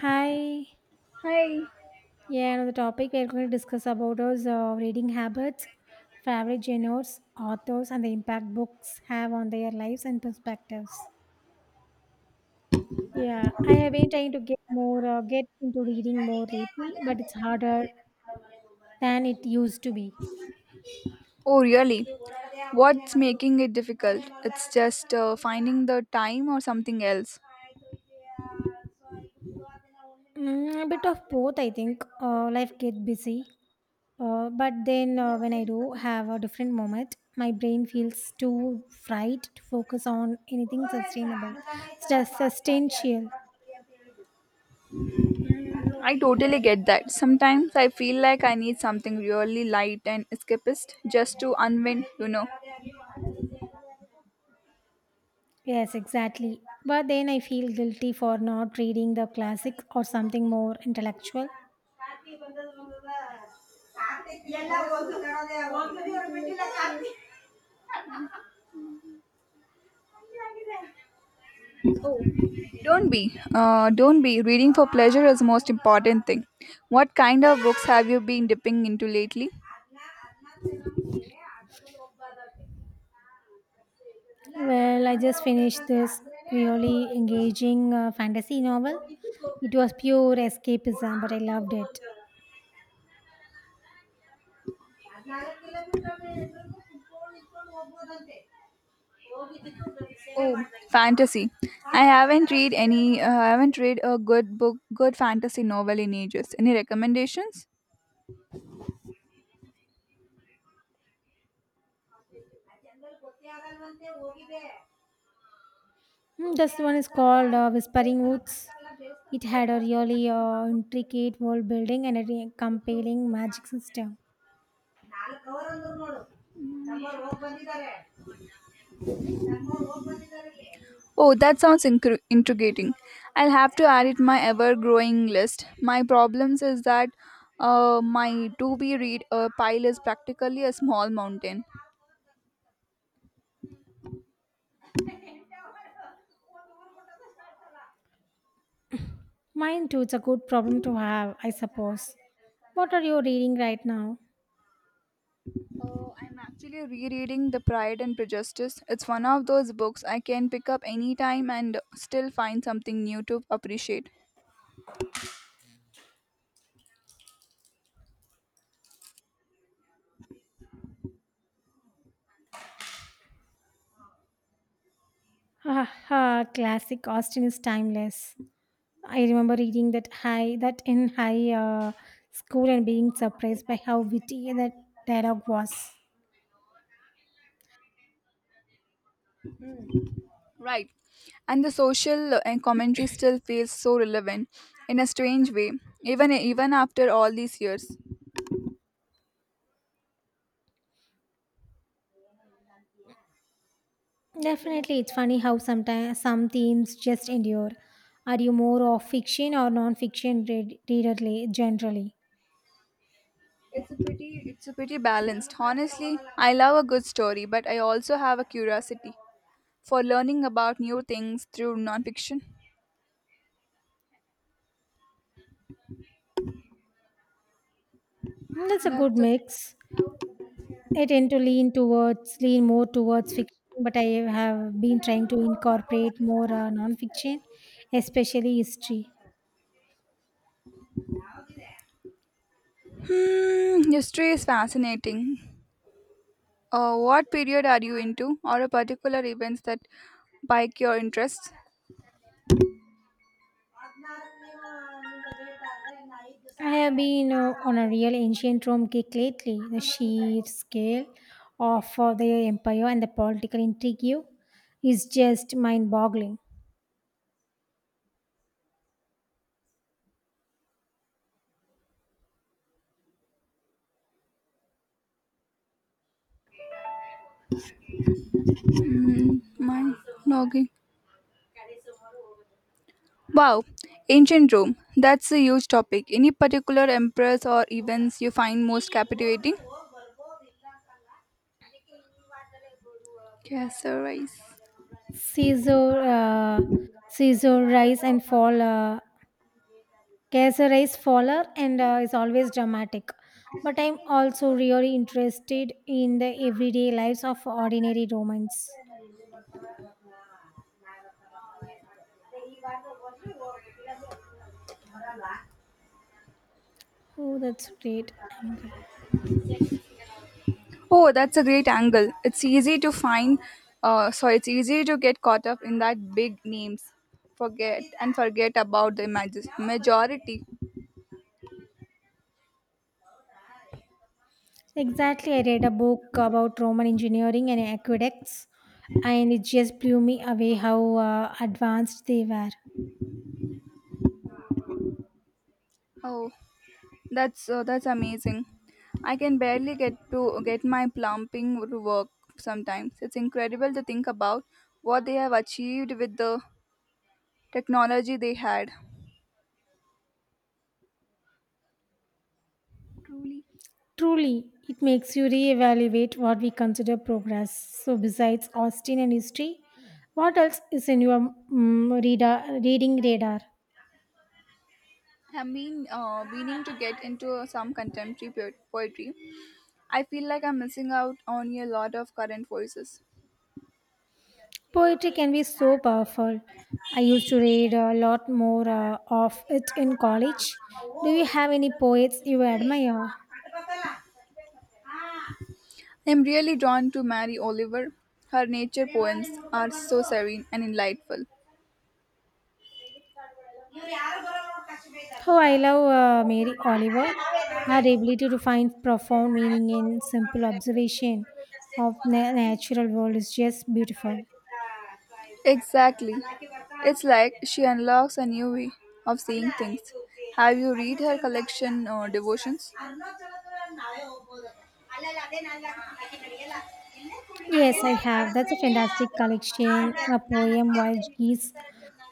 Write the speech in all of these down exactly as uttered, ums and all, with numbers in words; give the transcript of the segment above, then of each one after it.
Hi. Hi. Yeah, another topic we're going to discuss about is uh, reading habits, favorite genres, authors, and the impact books have on their lives and perspectives. Yeah, I have been trying to get more, uh, get into reading more lately, but it's harder than it used to be. Oh, really? What's making it difficult? It's just uh, finding the time or something else. Mm, a bit of both, I think. Uh, life get busy, uh, but then uh, when I do have a different moment, my brain feels too fried to focus on anything sustainable, sus- substantial. I totally get that. Sometimes I feel like I need something really light and escapist just to unwind, you know. Yes, exactly. But then I feel guilty for not reading the classics or something more intellectual. Don't be, uh, don't be. Reading for pleasure is the most important thing. What kind of books have you been dipping into lately? Well, I just finished this really engaging uh, fantasy novel. It was pure escapism, but I loved it. Oh, fantasy. I haven't read any uh, I haven't read a good book, good fantasy novel in ages. Any recommendations? Mm, this one is called uh, Whispering Woods. It had a really uh, intricate world building and a re- compelling magic system. Oh, that sounds incru intriguing. I'll have to add it my ever-growing list. My problems is that uh, my to-be read uh, pile is practically a small mountain. Mine too, it's a good problem to have, I suppose. What are you reading right now? Oh, I'm actually rereading The Pride and Prejudice. It's one of those books I can pick up anytime and still find something new to appreciate. Haha, classic Austin is timeless. I remember reading that high that in high uh, school and being surprised by how witty that dialogue was. Right. And the social uh, and commentary still feels so relevant in a strange way, even even after all these years. Definitely, it's funny how sometimes some themes just endure. Are you more of fiction or non-fiction read- readerly generally? It's a pretty it's a pretty balanced. Honestly, I love a good story, but I also have a curiosity for learning about new things through nonfiction. Mm, that's a good That's a mix. I tend to lean towards lean more towards fiction, but I have been trying to incorporate more uh, non-fiction, especially history. Hmm, history is fascinating. Uh, what period are you into, or a particular events that pique your interest? I have been uh, on a real ancient Rome kick lately. The sheer scale of uh, the empire and the political intrigue is just mind boggling. Mm, my logging. Wow, ancient Rome. That's a huge topic. Any particular emperors or events you find most captivating? Caesarice. Caesar, uh, Caesar rise and fall, uh, Caesar rise faller, and uh, is always dramatic. But I'm also really interested in the everyday lives of ordinary Romans. Oh, that's great angle. Oh, that's a great angle. It's easy to find. Uh, sorry, it's easy to get caught up in that big names, forget and forget about the imag- majority. Exactly, I read a book about Roman engineering and aqueducts, and it just blew me away how uh, advanced they were. Oh, That's uh, that's amazing. I can barely get to get my plumbing to work sometimes. It's incredible to think about what they have achieved with the technology they had. Truly, Truly, it makes you reevaluate what we consider progress. So, besides Austin and history, what else is in your mm reader, reading radar? I've been uh, meaning to get into uh, some contemporary po- poetry. I feel like I'm missing out on a lot of current voices. Poetry can be so powerful. I used to read a lot more uh, of it in college. Do you have any poets you admire? I'm really drawn to Mary Oliver. Her nature poems are so serene and enlightful. Oh, I love uh, Mary Oliver. Her ability to find profound meaning in simple observation of na- natural world is just beautiful. Exactly. It's like she unlocks a new way of seeing things. Have you read her collection, uh, Devotions? Yes, I have. That's a fantastic collection. A poem, Wild Geese,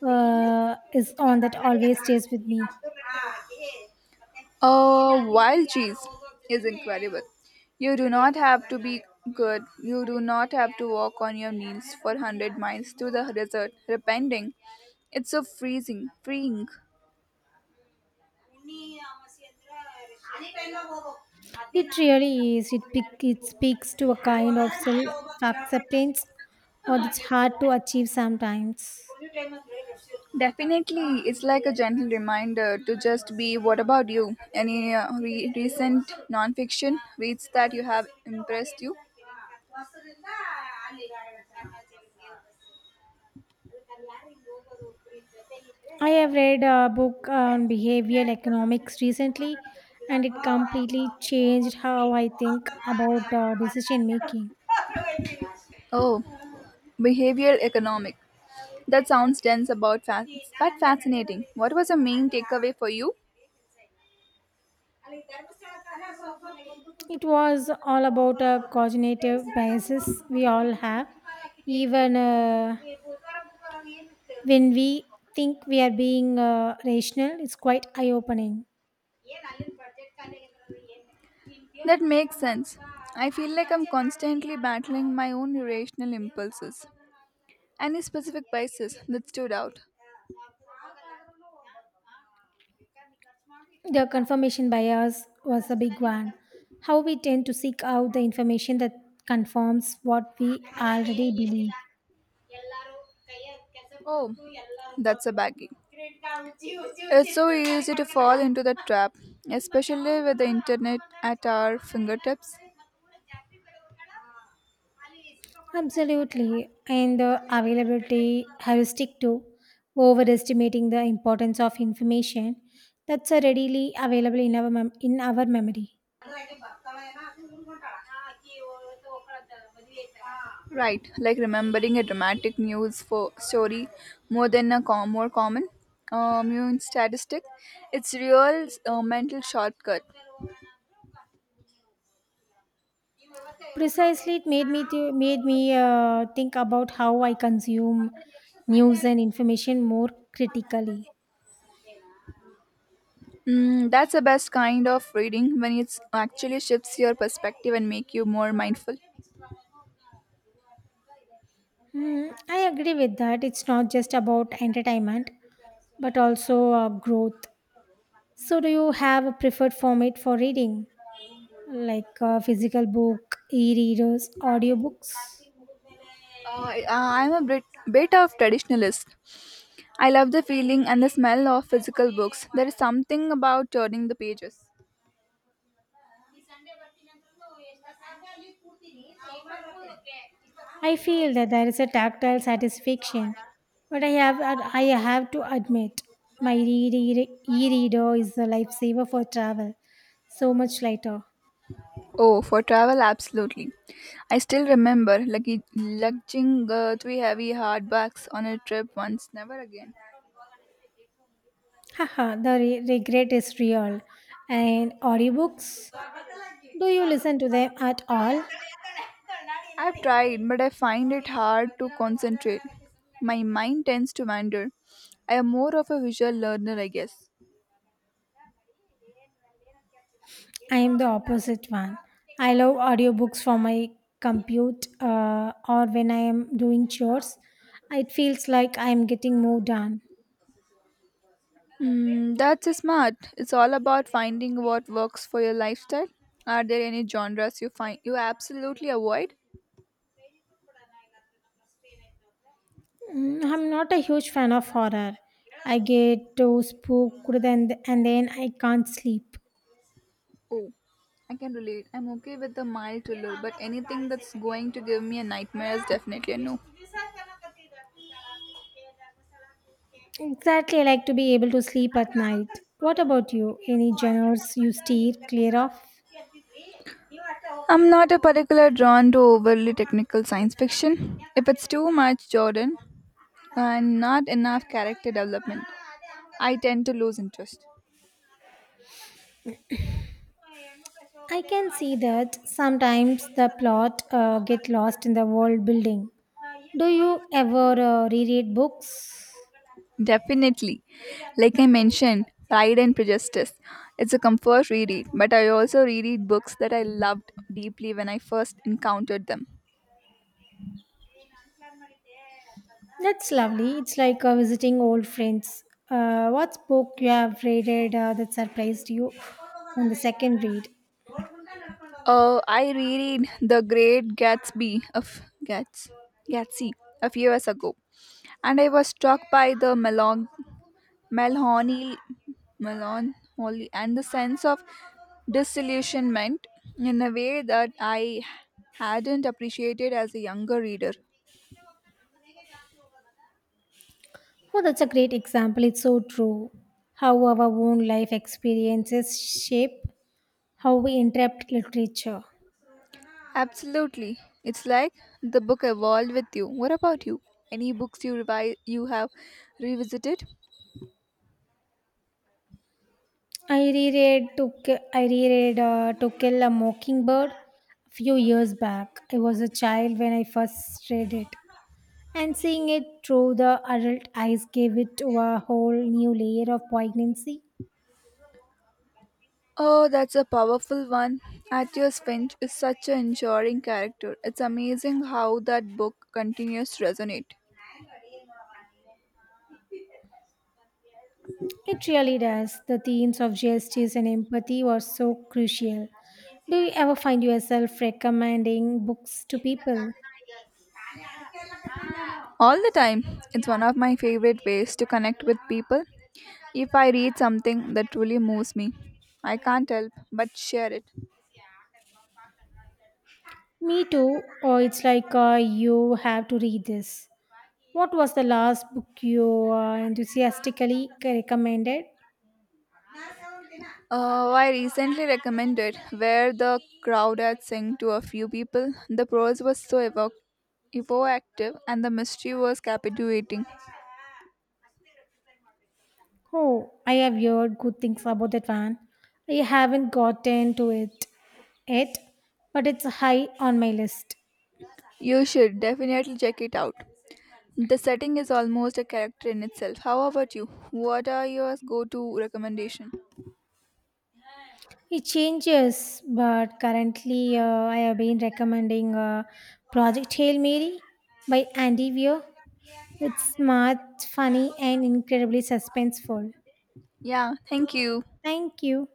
uh, is on that always stays with me. A wild cheese is incredible. You do not have to be good. You do not have to walk on your knees for one hundred miles to the desert, repenting. It's so freezing, freeing. It really is. It, pic- it speaks to a kind of self acceptance or that's hard to achieve sometimes. Definitely, it's like a gentle reminder to just be. What about you? Any uh, re- recent nonfiction reads that you have impressed you? I have read a book on behavioral economics recently, and it completely changed how I think about uh, decision making. Oh, behavioral economic. That sounds dense about fa- but fascinating. What was the main takeaway for you? It was all about uh, cognitive biases we all have, even uh, when we think we are being uh, rational. It's quite eye opening. That makes sense. I feel like I'm constantly battling my own irrational impulses. Any specific places that stood out? The confirmation bias was a big one. How we tend to seek out the information that confirms what we already believe. That's a baggie to fall into the trap, especially with the internet at our. Absolutely. And the availability heuristic too, overestimating the importance of information that's uh, readily available in our mem- in our memory. Right, like remembering a dramatic news for story more than a com- more common uh, immune statistic. It's real uh, mental shortcut. Precisely, it made me to, made me uh, think about how I consume news and information more critically. Mm, that's the best kind of reading when it actually shifts your perspective and make you more mindful. Hmm, I agree with that. It's not just about entertainment, but also uh, growth. So, do you have a preferred format for reading? Like a physical book, e-readers, audiobooks. Uh, I- uh, I'm a bit, bit of traditionalist, I love the feeling and the smell of physical books. There is something about turning the pages. I feel that there is a tactile satisfaction, but I have I have to admit my re- e-reader is a lifesaver for travel. So much lighter. Oh, for travel, absolutely. I still remember lugg- lugging uh, three heavy hardbacks on a trip once, never again. Haha, the re- regret is real. And audiobooks, do you listen to them at all? I've tried, but I find it hard to concentrate. My mind tends to wander. I am more of a visual learner, I guess. I am the opposite one. I love audiobooks for my compute uh, or when I am doing chores. It feels like I am getting more done. Mm, that's smart. It's all about finding what works for your lifestyle. Are there any genres you find you absolutely avoid? Mm, I'm not a huge fan of horror. I get too spooked and, and then I can't sleep. Oh, I can relate. I'm okay with the mild thriller, but anything that's going to give me a nightmare is definitely a no. Exactly, I like to be able to sleep at night. What about you? Any genres you steer clear of? I'm not a particular drawn to overly technical science fiction. If it's too much, Jordan, and not enough character development, I tend to lose interest. I can see that sometimes the plot uh, get lost in the world building. Do you ever uh, reread books? Definitely. Like I mentioned, Pride and Prejudice. It's a comfort reread, but I also reread books that I loved deeply when I first encountered them. That's lovely. It's like uh, visiting old friends. Uh, what book you have read uh, that surprised you on the second read? Uh, I reread The Great Gatsby of Gats, Gatsby a few years ago, and I was struck by the melon, melancholy, melancholy, and the sense of disillusionment in a way that I hadn't appreciated as a younger reader. Oh, that's a great example. It's so true. How our own life experiences shape how we interpret literature. Absolutely. It's like the book evolved with you. What about you? Any books you revi- you have revisited? I reread to Ki- I reread uh, To Kill a Mockingbird a few years back. I was a child when I first read it, and seeing it through the adult eyes gave it to a whole new layer of poignancy. Oh, that's a powerful one. Atticus Finch is such an enduring character. It's amazing how that book continues to resonate It really does. The themes of justice and empathy were so crucial. Do you ever find yourself recommending books to people? all the time. It's one of my favorite ways to connect with people. If I read something that truly moves me, I can't help but share it. Me too. Or it's like uh, you have to read this. What was the last book you uh, enthusiastically recommended? Uh, I recently recommended Where the Crowd Had Sing to a few people. The prose was so evoc- evocative and the mystery was captivating. Oh, I have heard good things about that one. I haven't gotten to it yet, but it's high on my list. You should definitely check it out. The setting is almost a character in itself. How about you? What are your go to recommendation? It changes, but currently uh, I have been recommending uh, Project Hail Mary by Andy Weir. It's smart, funny, and incredibly suspenseful. Yeah, thank you. Thank you.